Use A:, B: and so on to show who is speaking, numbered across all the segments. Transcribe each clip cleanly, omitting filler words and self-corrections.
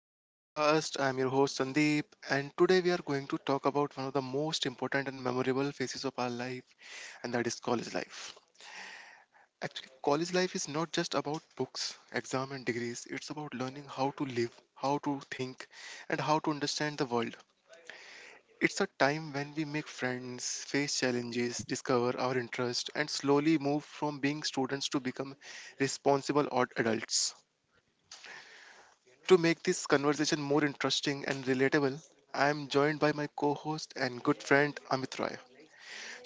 A: to our podcast. I'm your host Sandeep, and today we are going to talk about one of the most important and memorable phases of our life, and that is college life. Actually, college life is not just about books, exam, and degrees, it's about learning how to live, how to think, and how to understand the world. It's a time when we make friends, face challenges, discover our interests, and slowly move from being students to become responsible odd adults. To make this conversation more interesting and relatable, I am joined by my co host and good friend Amit Roy.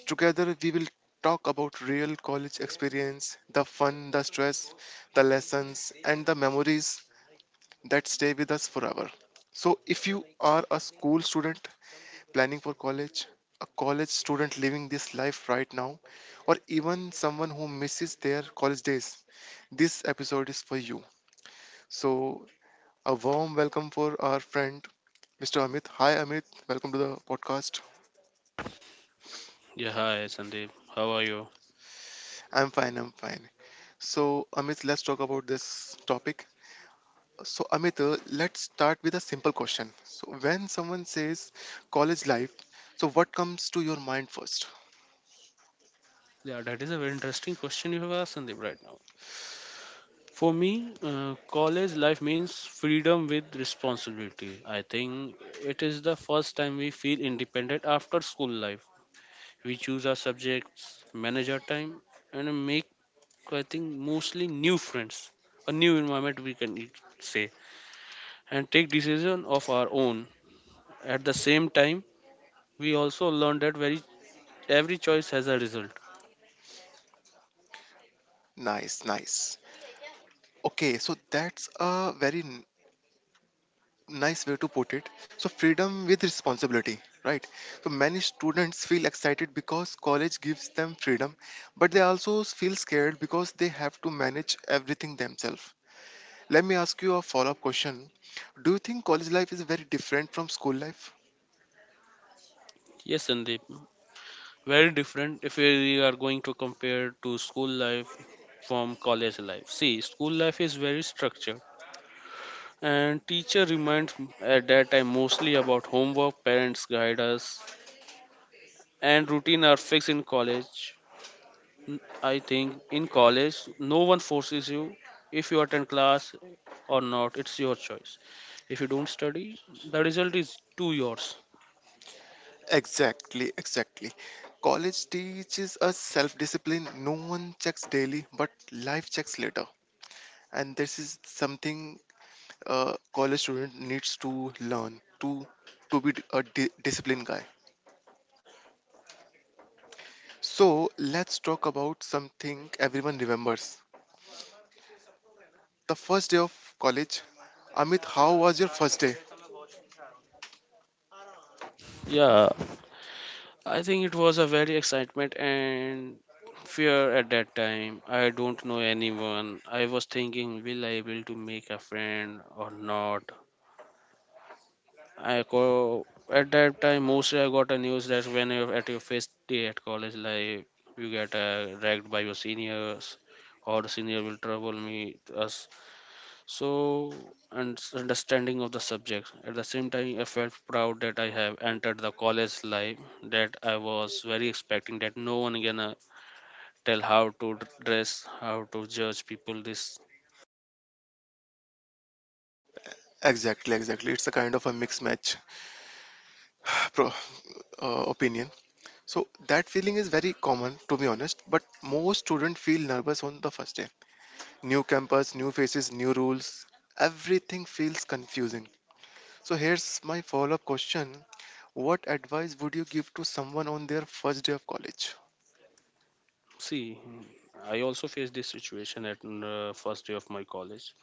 A: Together, we will talk about real college experience, the fun, the stress, the lessons, and the memories that stay with us forever. So, if you are a school student planning for college, a college student living this life right now, or even someone who misses their college days, this episode is for you. So, a warm welcome for our friend Mr. Amit. Hi, Amit. Welcome to the podcast.
B: Yeah, hi Sandeep. How are you?
A: I'm fine. I'm fine. So, Amit, let's talk about this topic. So, Amit, let's start with a simple question. So, when someone says college life, so what comes to your mind first?
B: Yeah, that is a very interesting question you have asked, Sandeep, right now. For me, college life means freedom with responsibility. I think it is the first time we feel independent after school life. We choose our subjects, manage our time, and make, I think, mostly new friends, a new environment we can say, and take decision of our own. At the same time, we also learn that very every choice has a result.
A: Nice, nice. Okay, so that's a very nice way to put it. So, freedom with responsibility, right? So, many students feel excited because college gives them freedom, but they also feel scared because they have to manage everything themselves. Let me ask you a follow up question. Do you think college life is very different from school life?
B: Yes, Sandeep. Very different if we are going to compare to school life from college life. See, school life is very structured, and teacher reminds at that time mostly about homework, parents guide us, and routine are fixed in college. I think in college no one forces you. If you attend class or not, it's your choice. If you don't study, the result is to yours.
A: Exactly, exactly. College teaches us self discipline. No one checks daily, but life checks later. And this is something a college student needs to learn to be a disciplined guy. So let's talk about something everyone remembers. The first day of college. Amit, how was your first day?
B: Yeah, I think it was a very excitement and fear at that time. I don't know anyone. I was thinking, will I able to make a friend or not? I co- at that time mostly I got a news that when you're at your first day at college life, you get ragged by your seniors, or the senior will trouble me us. So, and understanding of the subject at the same time, I felt proud that I have entered the college life, that I was very expecting that no one gonna tell how to dress, how to judge people this.
A: Exactly, exactly. It's a kind of a mixed match. Pro- Opinion. So that feeling is very common, to be honest. But most students feel nervous on the first day. New campus, new faces, new rules. Everything feels confusing. So here's my follow-up question: what advice would you give to someone on their first day of college?
B: See, I also faced this situation at the first day of my college.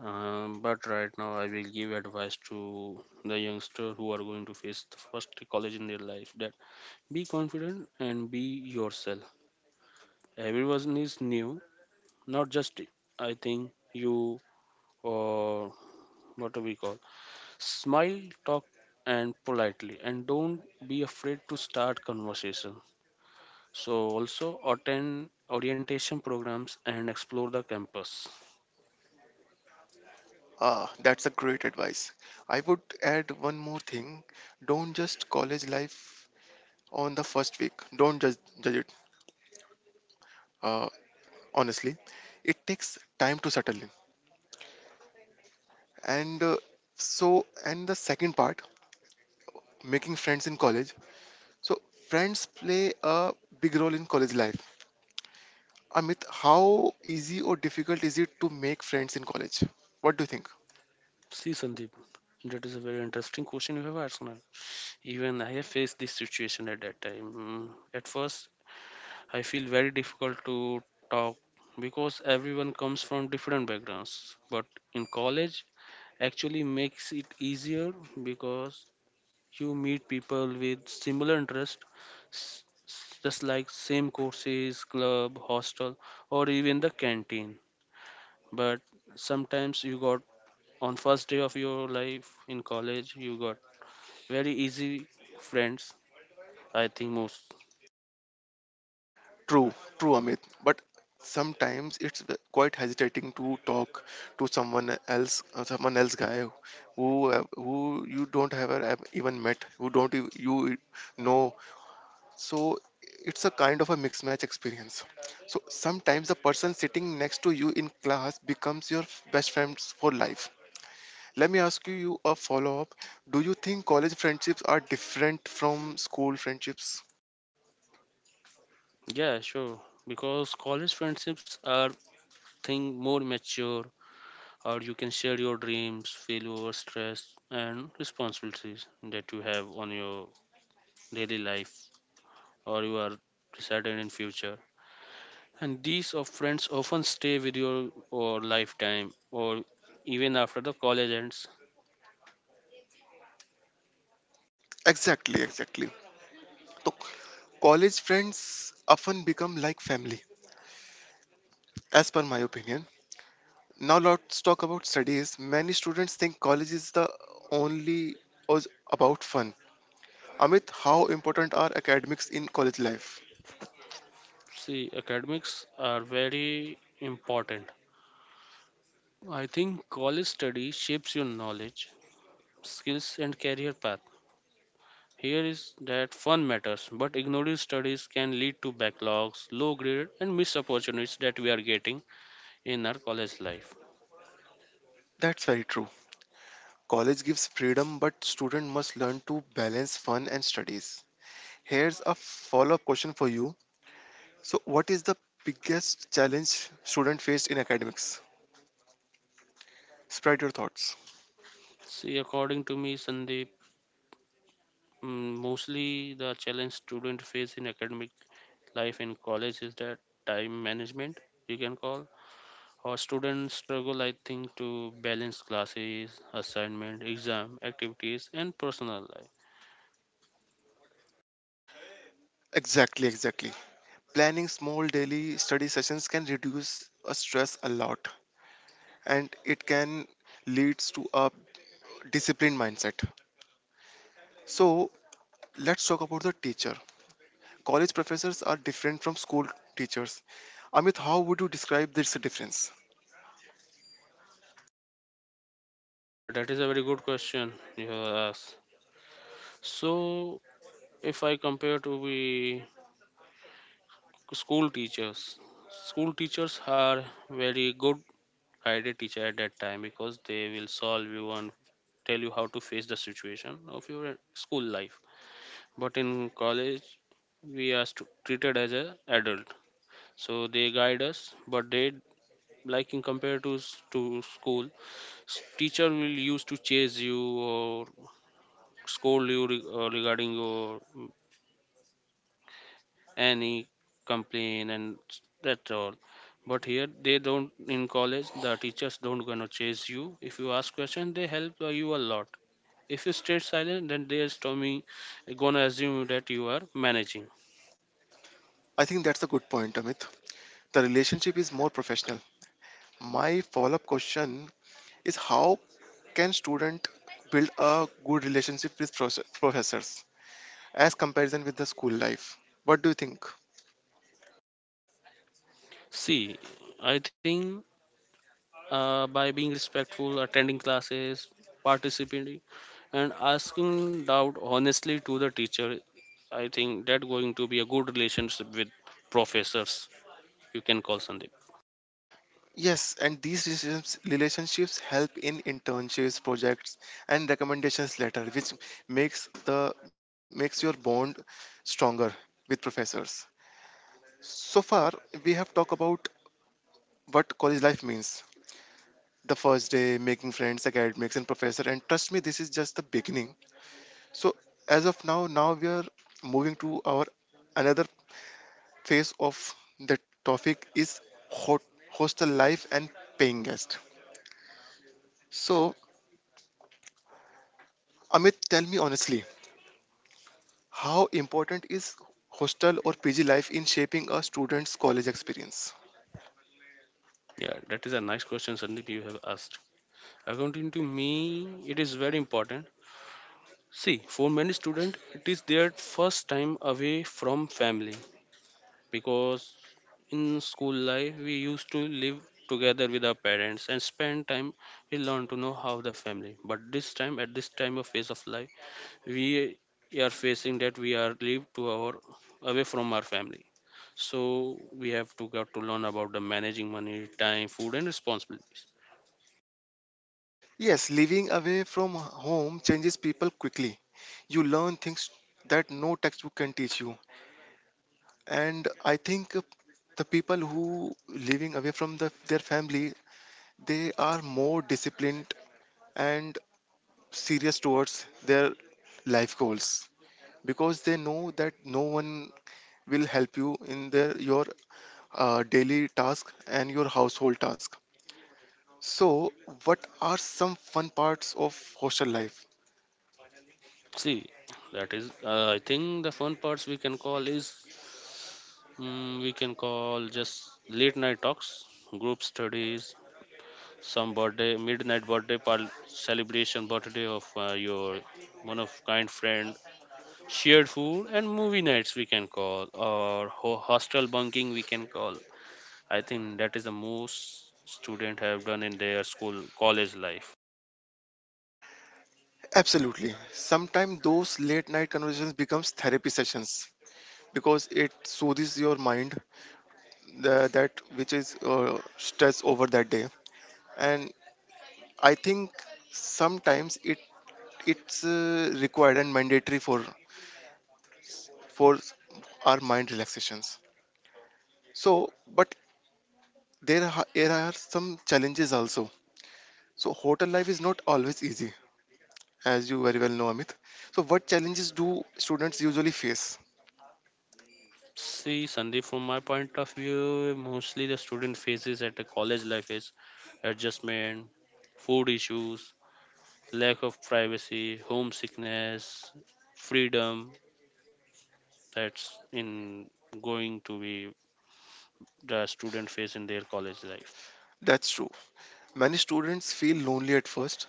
B: But right now I will give advice to the youngster who are going to face the first college in their life that be confident and be yourself. Everyone is new, not just I think you, or what do we call, smile, talk, and politely, and don't be afraid to start conversation. So, also attend orientation programs and explore the campus.
A: Ah, that's a great advice. I would add one more thing: don't just college life on the first week. Don't judge it. Uh, Honestly, it takes time to settle in. and uh, and the second part, making friends in college. So friends play a big role in college life. Amit, how easy or difficult is it to make friends in college? What do you think?
B: See Sandeep, that is a very interesting question you have asked now. Even I have faced this situation at that time. At first, I feel very difficult to talk because everyone comes from different backgrounds. But in college, actually makes it easier because you meet people with similar interest, just like same courses, club, hostel, or even the canteen. But sometimes you got, on first day of your life in college you got very easy friends, I think most.
A: True, true, Amit, but sometimes it's quite hesitating to talk to someone else, someone else guy who, who you don't have even met, who don't ev- you know. So it's a kind of a mixed match experience. So sometimes the person sitting next to you in class becomes your best friends for life. Let me ask you a follow up. Do you think college friendships are different from school friendships?
B: Yeah, sure. Because college friendships are thing more mature, or you can share your dreams, failure, stress, and responsibilities that you have on your daily life, or you are certain in future. And these of friends often stay with your, or lifetime, or even after the college ends.
A: Exactly, exactly. College friends often become like family, as per my opinion. Now let's talk about studies. Many students think college is the only was about fun. Amit, how important are academics in college life?
B: See, academics are very important. I think college study shapes your knowledge, skills, and career path. Here is that fun matters, but ignoring studies can lead to backlogs, low grade, and missed opportunities that we are getting in our college life.
A: That's very true. College gives freedom, but student must learn to balance fun and studies. Here's a follow-up question for you. So, what is the biggest challenge student faced in academics? Spread your thoughts.
B: See, according to me Sandeep, mostly the challenge students face in academic life in college is that time management, you can call. Or students struggle, I think, to balance classes, assignment, exam, activities, and personal life.
A: Exactly, exactly. Planning small daily study sessions can reduce a stress a lot, and it can leads to a disciplined mindset. So, let's talk about the teacher. College professors are different from school teachers. Amit, how would you describe this difference?
B: Yeah, that is a very good question you have asked. So, if I compare to the school teachers, school teachers are very good guided teacher at that time because they will solve you and tell you how to face the situation of your school life. But in college, we are treated as a adult. So they guide us, but they, like in compared to school, teacher will used to chase you or scold you regarding your any complaint and that's all. But here they don't. In college, the teachers don't gonna chase you. If you ask question, they help you a lot. If you stay silent, then they is to me gonna assume that you are managing.
A: I think that's a good point, Amit. The relationship is more professional. My follow-up question is, how can student build a good relationship with professors as comparison with the school life? What do you think?
B: See, I think by being respectful, attending classes, participating, and asking doubt honestly to the teacher, I think that going to be a good relationship with professors. You can call Sandeep.
A: Yes, and these relationships help in internships, projects, and recommendations letter, which makes the makes your bond stronger with professors. So far, we have talked about what college life means, the first day, making friends, academics and professor, and trust me, this is just the beginning. So, as of now we are moving to our another phase of the topic. Is hot, hostel life and paying guest. So Amit, tell me honestly, how important is hostel or pg life in shaping a student's college experience?
B: Yeah, that is a nice question, Sandeep. You have asked. According to me, it is very important. See, for many students, it is their first time away from family. Because in school life, we used to live together with our parents and spend time. We learn to know how the family. But this time, at this time of phase of life, we are facing that we are live to our away from our family. So we have to got to learn about the managing money, time, food, and responsibilities.
A: Yes, living away from home changes people quickly. You learn things that no textbook can teach you. And I think the people who living away from their family, they are more disciplined and serious towards their life goals, because they know that no one will help you in their your daily task and your household task. So what are some fun parts of hostel life?
B: See, that is. I think the fun parts we can call is we can call just late night talks, group studies, some birthday midnight celebration birthday of your one of kind friend, shared food and movie nights we can call, or hostel bunking we can call. I think that is the most student have done in their school college life.
A: Absolutely. Sometimes those late night conversations becomes therapy sessions because it soothes your mind, that which is stress over that day. And I think sometimes it's required and mandatory for for our mind relaxations. So but there are some challenges also. So hotel life is not always easy, as you very well know, Amit. So what challenges do students usually face?
B: See Sandeep, from my point of view, mostly the student faces at the college life is adjustment, food issues, lack of privacy, homesickness, freedom. That's in going to be the student face in their college life.
A: That's true. Many students feel lonely at first,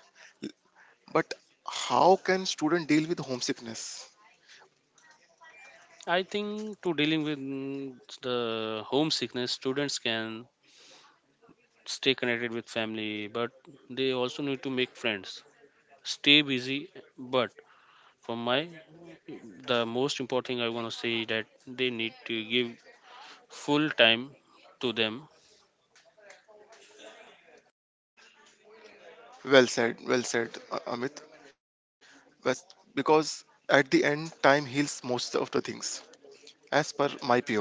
A: but how can student deal with homesickness?
B: I think to dealing with the homesickness, students can stay connected with family, but they also need to make friends, stay busy. But for my, the most important thing I want to say that they need to give full time to them.
A: Well said, well said, Amit. Because because at the end, time heals most of the things, as per my POV.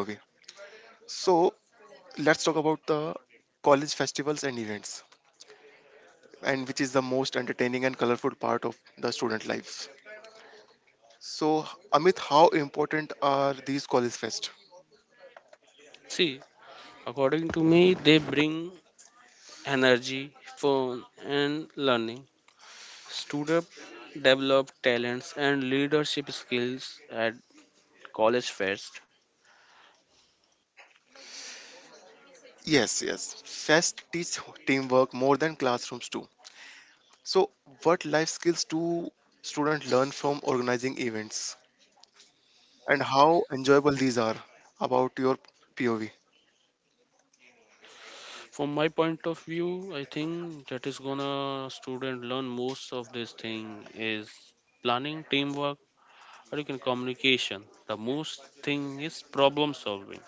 A: So let's talk about the college festivals and events, and which is the most entertaining and colorful part of the student lives. So Amit, how important are these college fest?
B: See according to me, they bring energy, fun, and learning. Students develop talents and leadership skills at college fest.
A: Yes, yes. Fest teach teamwork more than classrooms do. So what life skills do students learn from organizing events, and how enjoyable these are about your POV?
B: From my point of view, I think that is gonna student learn most of this thing is planning, teamwork, or you can communication. The most thing is problem solving.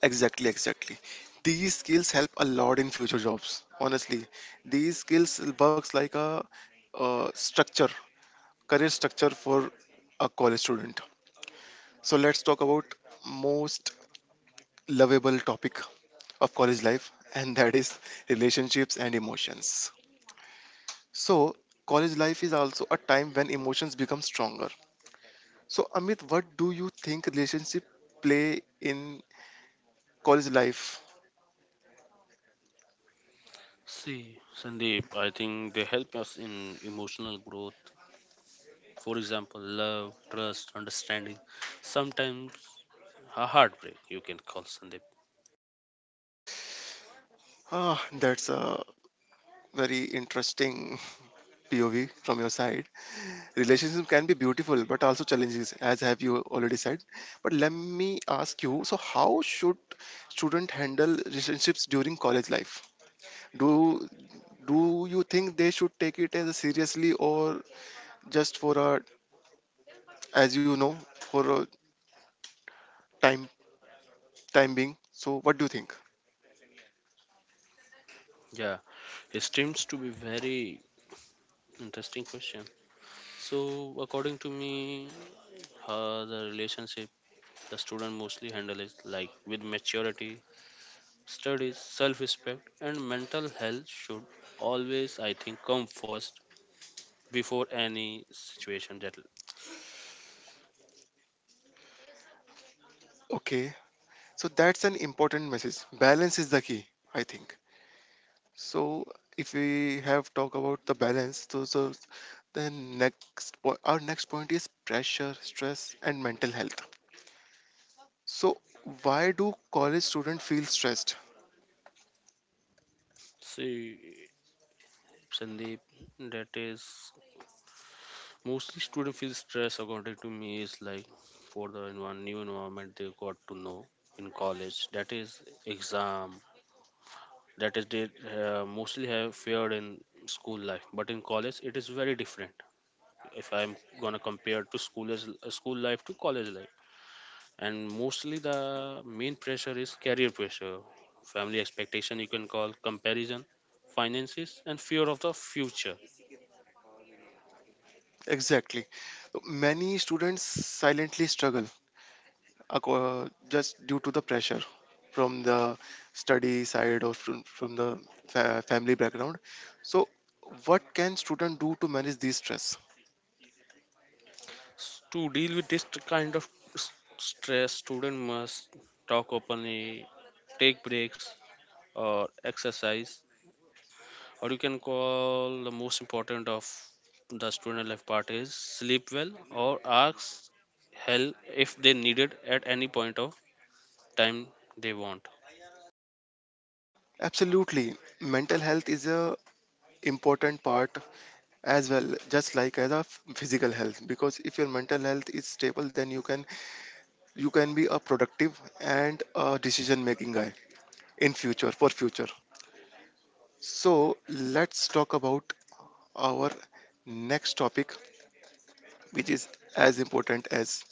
A: Exactly, exactly. These skills help a lot in future jobs. Honestly, these skills works like a, structure, career structure for a college student. So let's talk about most lovable topic of college life, and that is relationships and emotions. So college life is also a time when emotions become stronger. So Amit, what do you think relationship play in college life?
B: See, Sandeep, I think they help us in emotional growth. For example, love, trust, understanding. Sometimes a heartbreak, you can call Sandeep.
A: Ah, that's a very interesting POV from your side. Relationship can be beautiful, but also challenges, as have you already said. But let me ask you, so how should student handle relationships during college life? Do do you think they should take it as a seriously or just for a, as you know, for a time time being? So what do you think?
B: Yeah, it seems to be very interesting question. So according to me, the relationship the student mostly handle is like with maturity, studies, self-respect, and mental health should always, I think, come first before any situation that.
A: Okay, so that's an important message. Balance is the key, I think. So if we have talk about the balance, so then next, our next point is pressure, stress, and mental health. So, why do college students feel stressed?
B: See Sandeep, that is mostly student feel stress according to me is like for the new environment they got to know in college, that is exam. That is they mostly have feared in school life, but in college it is very different if I'm gonna compare to school as, school life to college life. And mostly the main pressure is career pressure, family expectation you can call, comparison, finances, and fear of the future.
A: Exactly. So, many students silently struggle, just due to the pressure from the study side, or from the family background. So, what can student do to manage this stress?
B: To deal with this kind of s- stress, student must talk openly, take breaks, or exercise, or you can call the most important of the student life part is sleep well, or ask help if they need it at any point of time they want.
A: Absolutely. Mental health is a important part as well, just like as a physical health. Because if your mental health is stable, then you can be a productive and a decision making guy in future for future. So let's talk about our next topic, which is as important as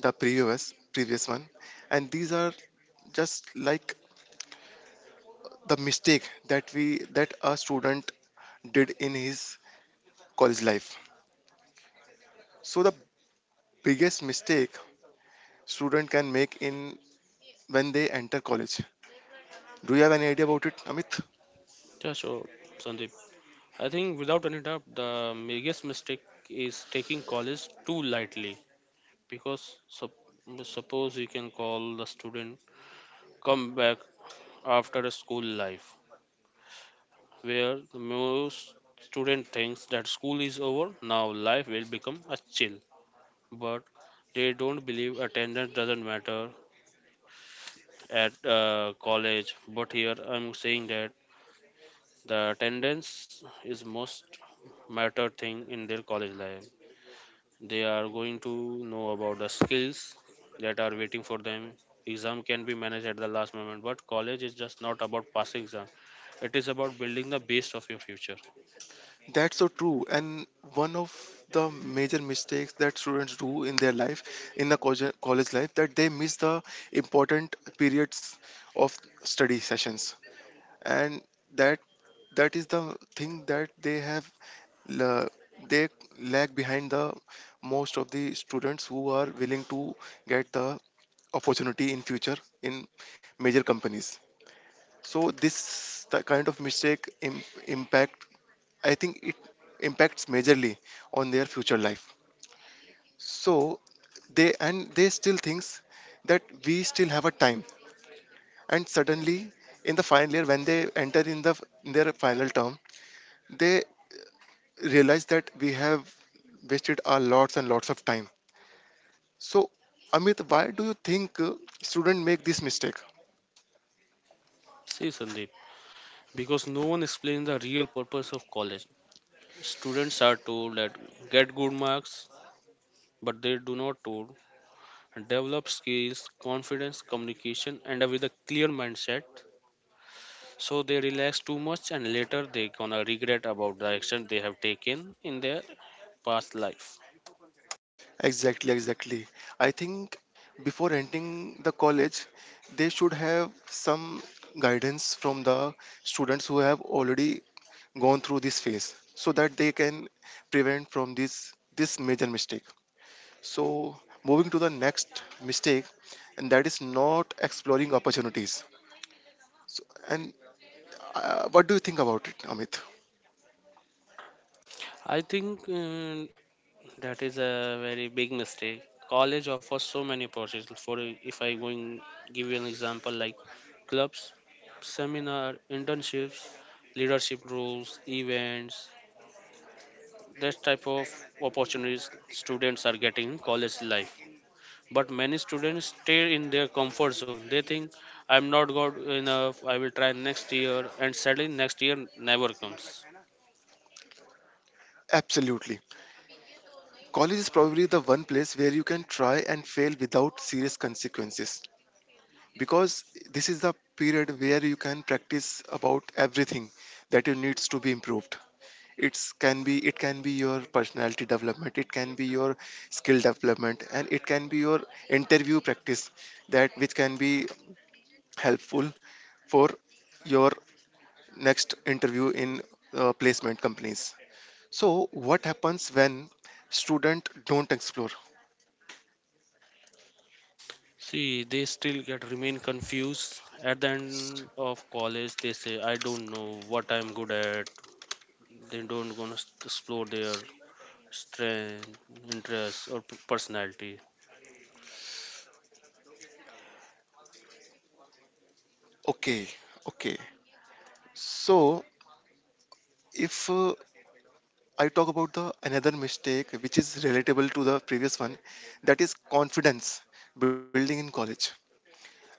A: the previous one. And these are just like the mistake that we that a student did in his college life. So the biggest mistake student can make in when they enter college, do you have any idea about it, Amit?
B: Yeah, so Sandeep, I think without any doubt, the biggest mistake is taking college too lightly. Because suppose you can call the student come back after a school life where the most student thinks that school is over, now life will become a chill. But they don't believe attendance doesn't matter at college. But here I'm saying that the attendance is most matter thing in their college life. They are going to know about the skills that are waiting for them. Exam can be managed at the last moment, but college is just not about passing exam. It is about building the base of your future.
A: That's so true. And one of the major mistakes that students do in their life, in the college life, that they miss the important periods of study sessions. And that that is the thing that they have la- they lag behind the most of the students who are willing to get the opportunity in future in major companies. So this kind of mistake impact, I think it impacts majorly on their future life. So they still thinks that we still have a time. And suddenly, in the final year, when they enter in the in their final term, they realize that we have wasted our lots and lots of time. So, Amit, why do you think students make this mistake?
B: See Sandeep, because no one explains the real purpose of college. Students are told that get good marks, but they do not tour, develop skills, confidence, communication, and with a clear mindset. So they relax too much, and later they gonna regret about the action they have taken in their past life.
A: Exactly, exactly. I think before entering the college, they should have some guidance from the students who have already gone through this phase, so that they can prevent from this major mistake. So moving to the next mistake, and that is not exploring opportunities. And what do you think about it, Amit?
B: I think that is a very big mistake. College offers so many opportunities. For if I going give you an example like clubs, seminar, internships, leadership roles, events. This type of opportunities students are getting in college life. But many students stay in their comfort zone. They think I'm not good enough, I will try next year. And sadly next year never comes.
A: Absolutely. College is probably the one place where you can try and fail without serious consequences. Because this is the period where you can practice about everything that you needs to be improved. It's can be it can be your personality development, it can be your skill development, and it can be your interview practice that which can be helpful for your next interview in placement companies. So what happens when student don't explore?
B: See, they still get remain confused. At the end of college they say I don't know what I'm good at. They don't gonna explore their strength, interests, or personality.
A: Okay, okay. So if I talk about the another mistake which is relatable to the previous one, that is confidence building in college. And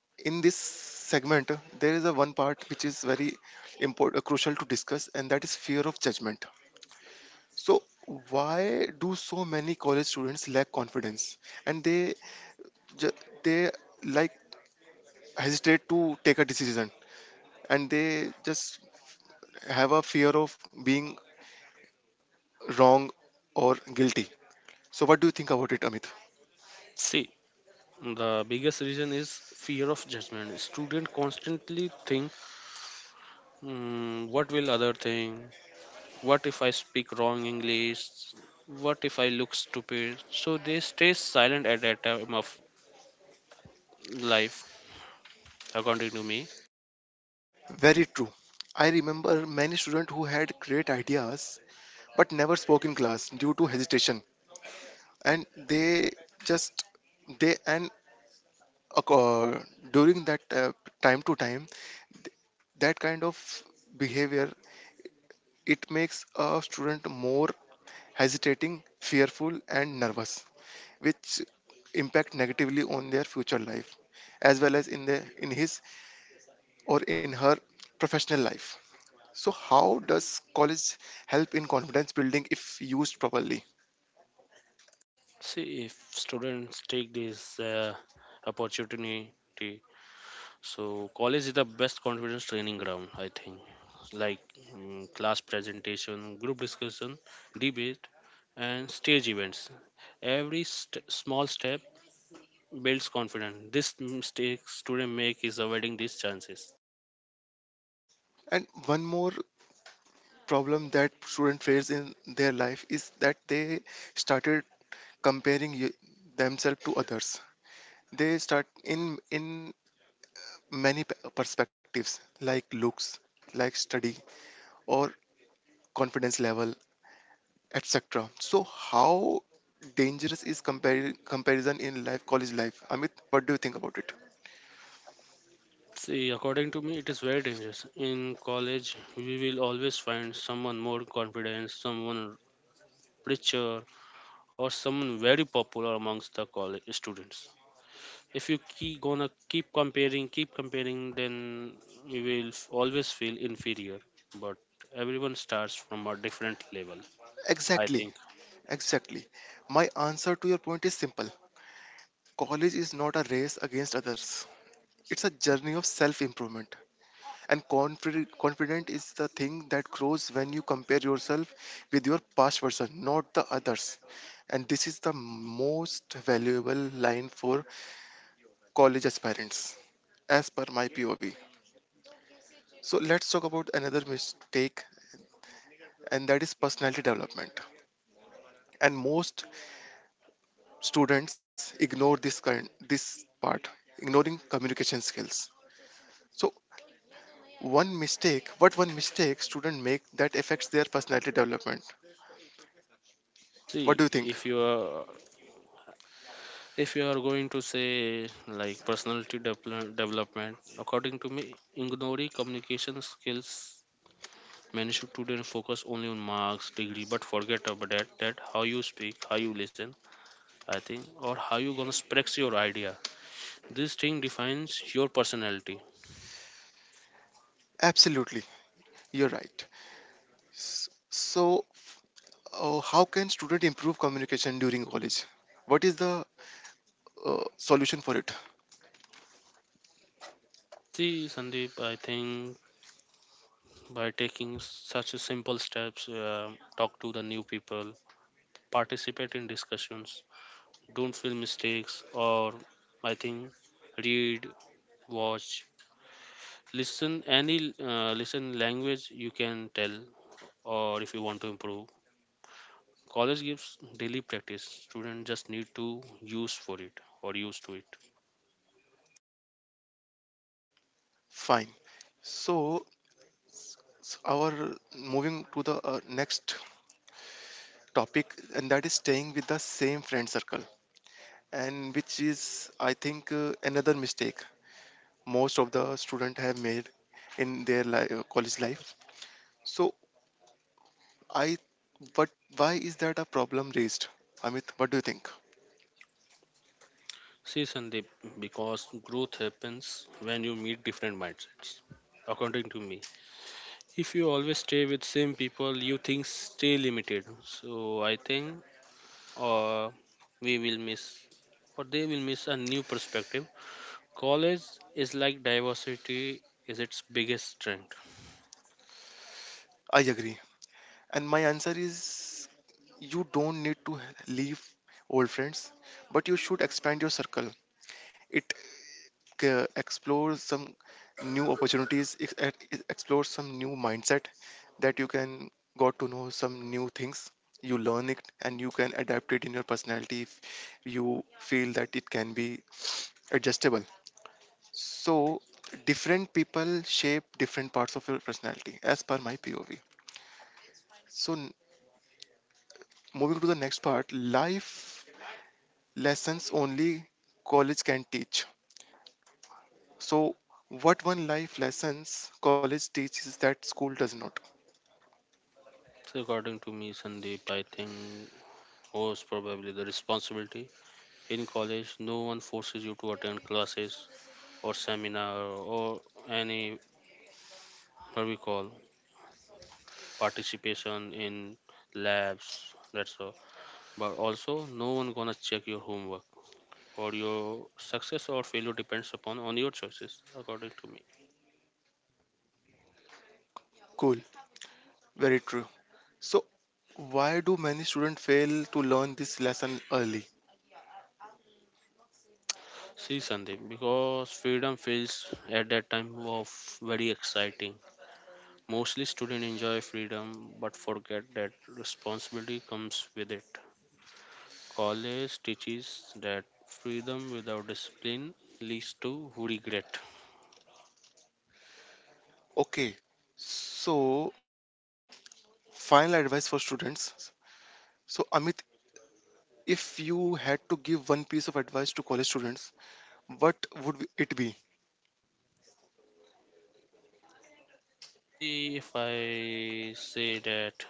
A: in this segment, there is a one part which is very important, crucial to discuss, and that is fear of judgment. So, why do so many college students lack confidence, and they ju- they like hesitate to take a decision, and they just have a fear of being wrong or guilty. So, what do you think about it, Amit?
B: See, the biggest reason is fear of judgment. Students constantly think, what will other think? What if I speak wrong English? What if I look stupid? So they stay silent at that time of life, according to me.
A: Very true. I remember many students who had great ideas but never spoke in class due to hesitation, and they just they and uh, during that time to time that kind of behavior, it makes a student more hesitating, fearful, and nervous, which impact negatively on their future life as well as in the in his or in her professional life. So, how does college help in confidence building if used properly?
B: See, if students take this opportunity, so college is the best confidence training ground, I think. Like class presentation, group discussion, debate, and stage events. Every small step builds confidence. This mistakes today make is avoiding these chances.
A: And one more problem that student face in their life is that they started comparing themselves to others. They start in many perspectives, like looks, like study, or confidence level, etc. So, how dangerous is comparison in life, college life? Amit, what do you think about it?
B: See, according to me, it is very dangerous. In college, we will always find someone more confident, someone richer, or someone very popular amongst the college students. If you keep gonna keep comparing, then you will always feel inferior. But everyone starts from a different level, I
A: Exactly.
B: think.
A: Exactly. My answer to your point is simple. College is not a race against others. It's a journey of self-improvement. And confident is the thing that grows when you compare yourself with your past version, not the others. And this is the most valuable line for college aspirants, as per my POV. So let's talk about another mistake, and that is personality development. And most students ignore this part, ignoring communication skills. So what one mistake student make that affects their personality development? What do
B: See,
A: you think?
B: if you are if you are going to say like personality development, according to me, ignoring communication skills. Many students focus only on marks, degree, but forget about that how you speak, how you listen, I think, or how you gonna express your idea. This thing defines your personality.
A: Absolutely, you're right. S- So how can student improve communication during college? What is the solution for it?
B: See Sandeep, I think by taking such a simple steps, talk to the new people, participate in discussions, don't feel mistakes, or I think read, watch, listen, any listen language you can tell, or if you want to improve. College gives daily practice. Students just need to use for it, or use to it.
A: Fine. So our moving to the next topic, and that is staying with the same friend circle, and which is I think another mistake most of the student have made in their college life. So I what why is that a problem raised? Amit, what do you think?
B: See Sandeep, because growth happens when you meet different mindsets. According to me, if you always stay with same people, you think stay limited. So I think, or we will miss, or they will miss a new perspective. College is like diversity is its biggest strength.
A: I agree. And my answer is you don't need to leave old friends, but you should expand your circle. It explores some new opportunities, it explores some new mindset that you can got to know some new things. You learn it and you can adapt it in your personality if you feel that it can be adjustable. So different people shape different parts of your personality as per my POV. So moving to the next part, life lessons only college can teach. So what one life lessons college teaches that school does not.
B: So according to me, Sandeep, I think most probably the responsibility. In college, no one forces you to attend classes or seminar or any, what we call, participation in labs. That's all. But also, no one gonna check your homework, or your success or failure depends upon on your choices, according to me.
A: Cool, very true. So why do many students fail to learn this lesson early?
B: See, Sandeep, because freedom feels at that time was very exciting. Mostly students enjoy freedom but forget that responsibility comes with it. College teaches that freedom without discipline leads to regret.
A: Okay, so final advice for students. So Amit, if you had to give one piece of advice to college students, what would it be?
B: See, if I say that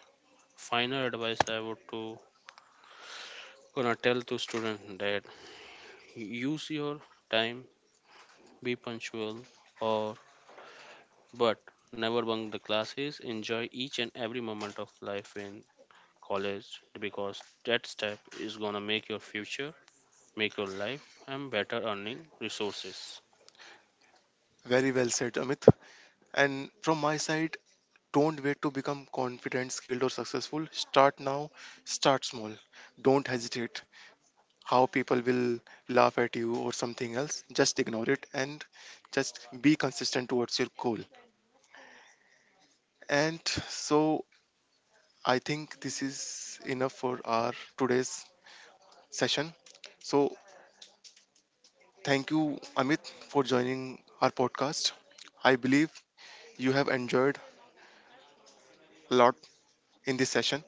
B: final advice I would to gonna tell to student that use your time, be punctual, or but never bunk the classes. Enjoy each and every moment of life in college because that step is gonna make your future, make your life, and better earning resources.
A: Very well said, Amit. And from my side, don't wait to become confident, skilled, or successful. Start now, start small. Don't hesitate. How people will laugh at you or something else, just ignore it and just be consistent towards your goal. And so, I think this is enough for our today's session. So, thank you, Amit, for joining our podcast. I believe you have enjoyed a lot in this session.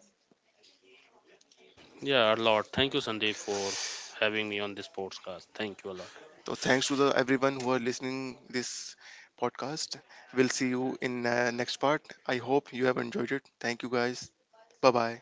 B: Yeah, a lot. Thank you, Sandeep, for having me on this podcast. Thank you a lot.
A: So thanks to the everyone who are listening this podcast. We'll see you in next part. I hope you have enjoyed it. Thank you guys. Bye bye.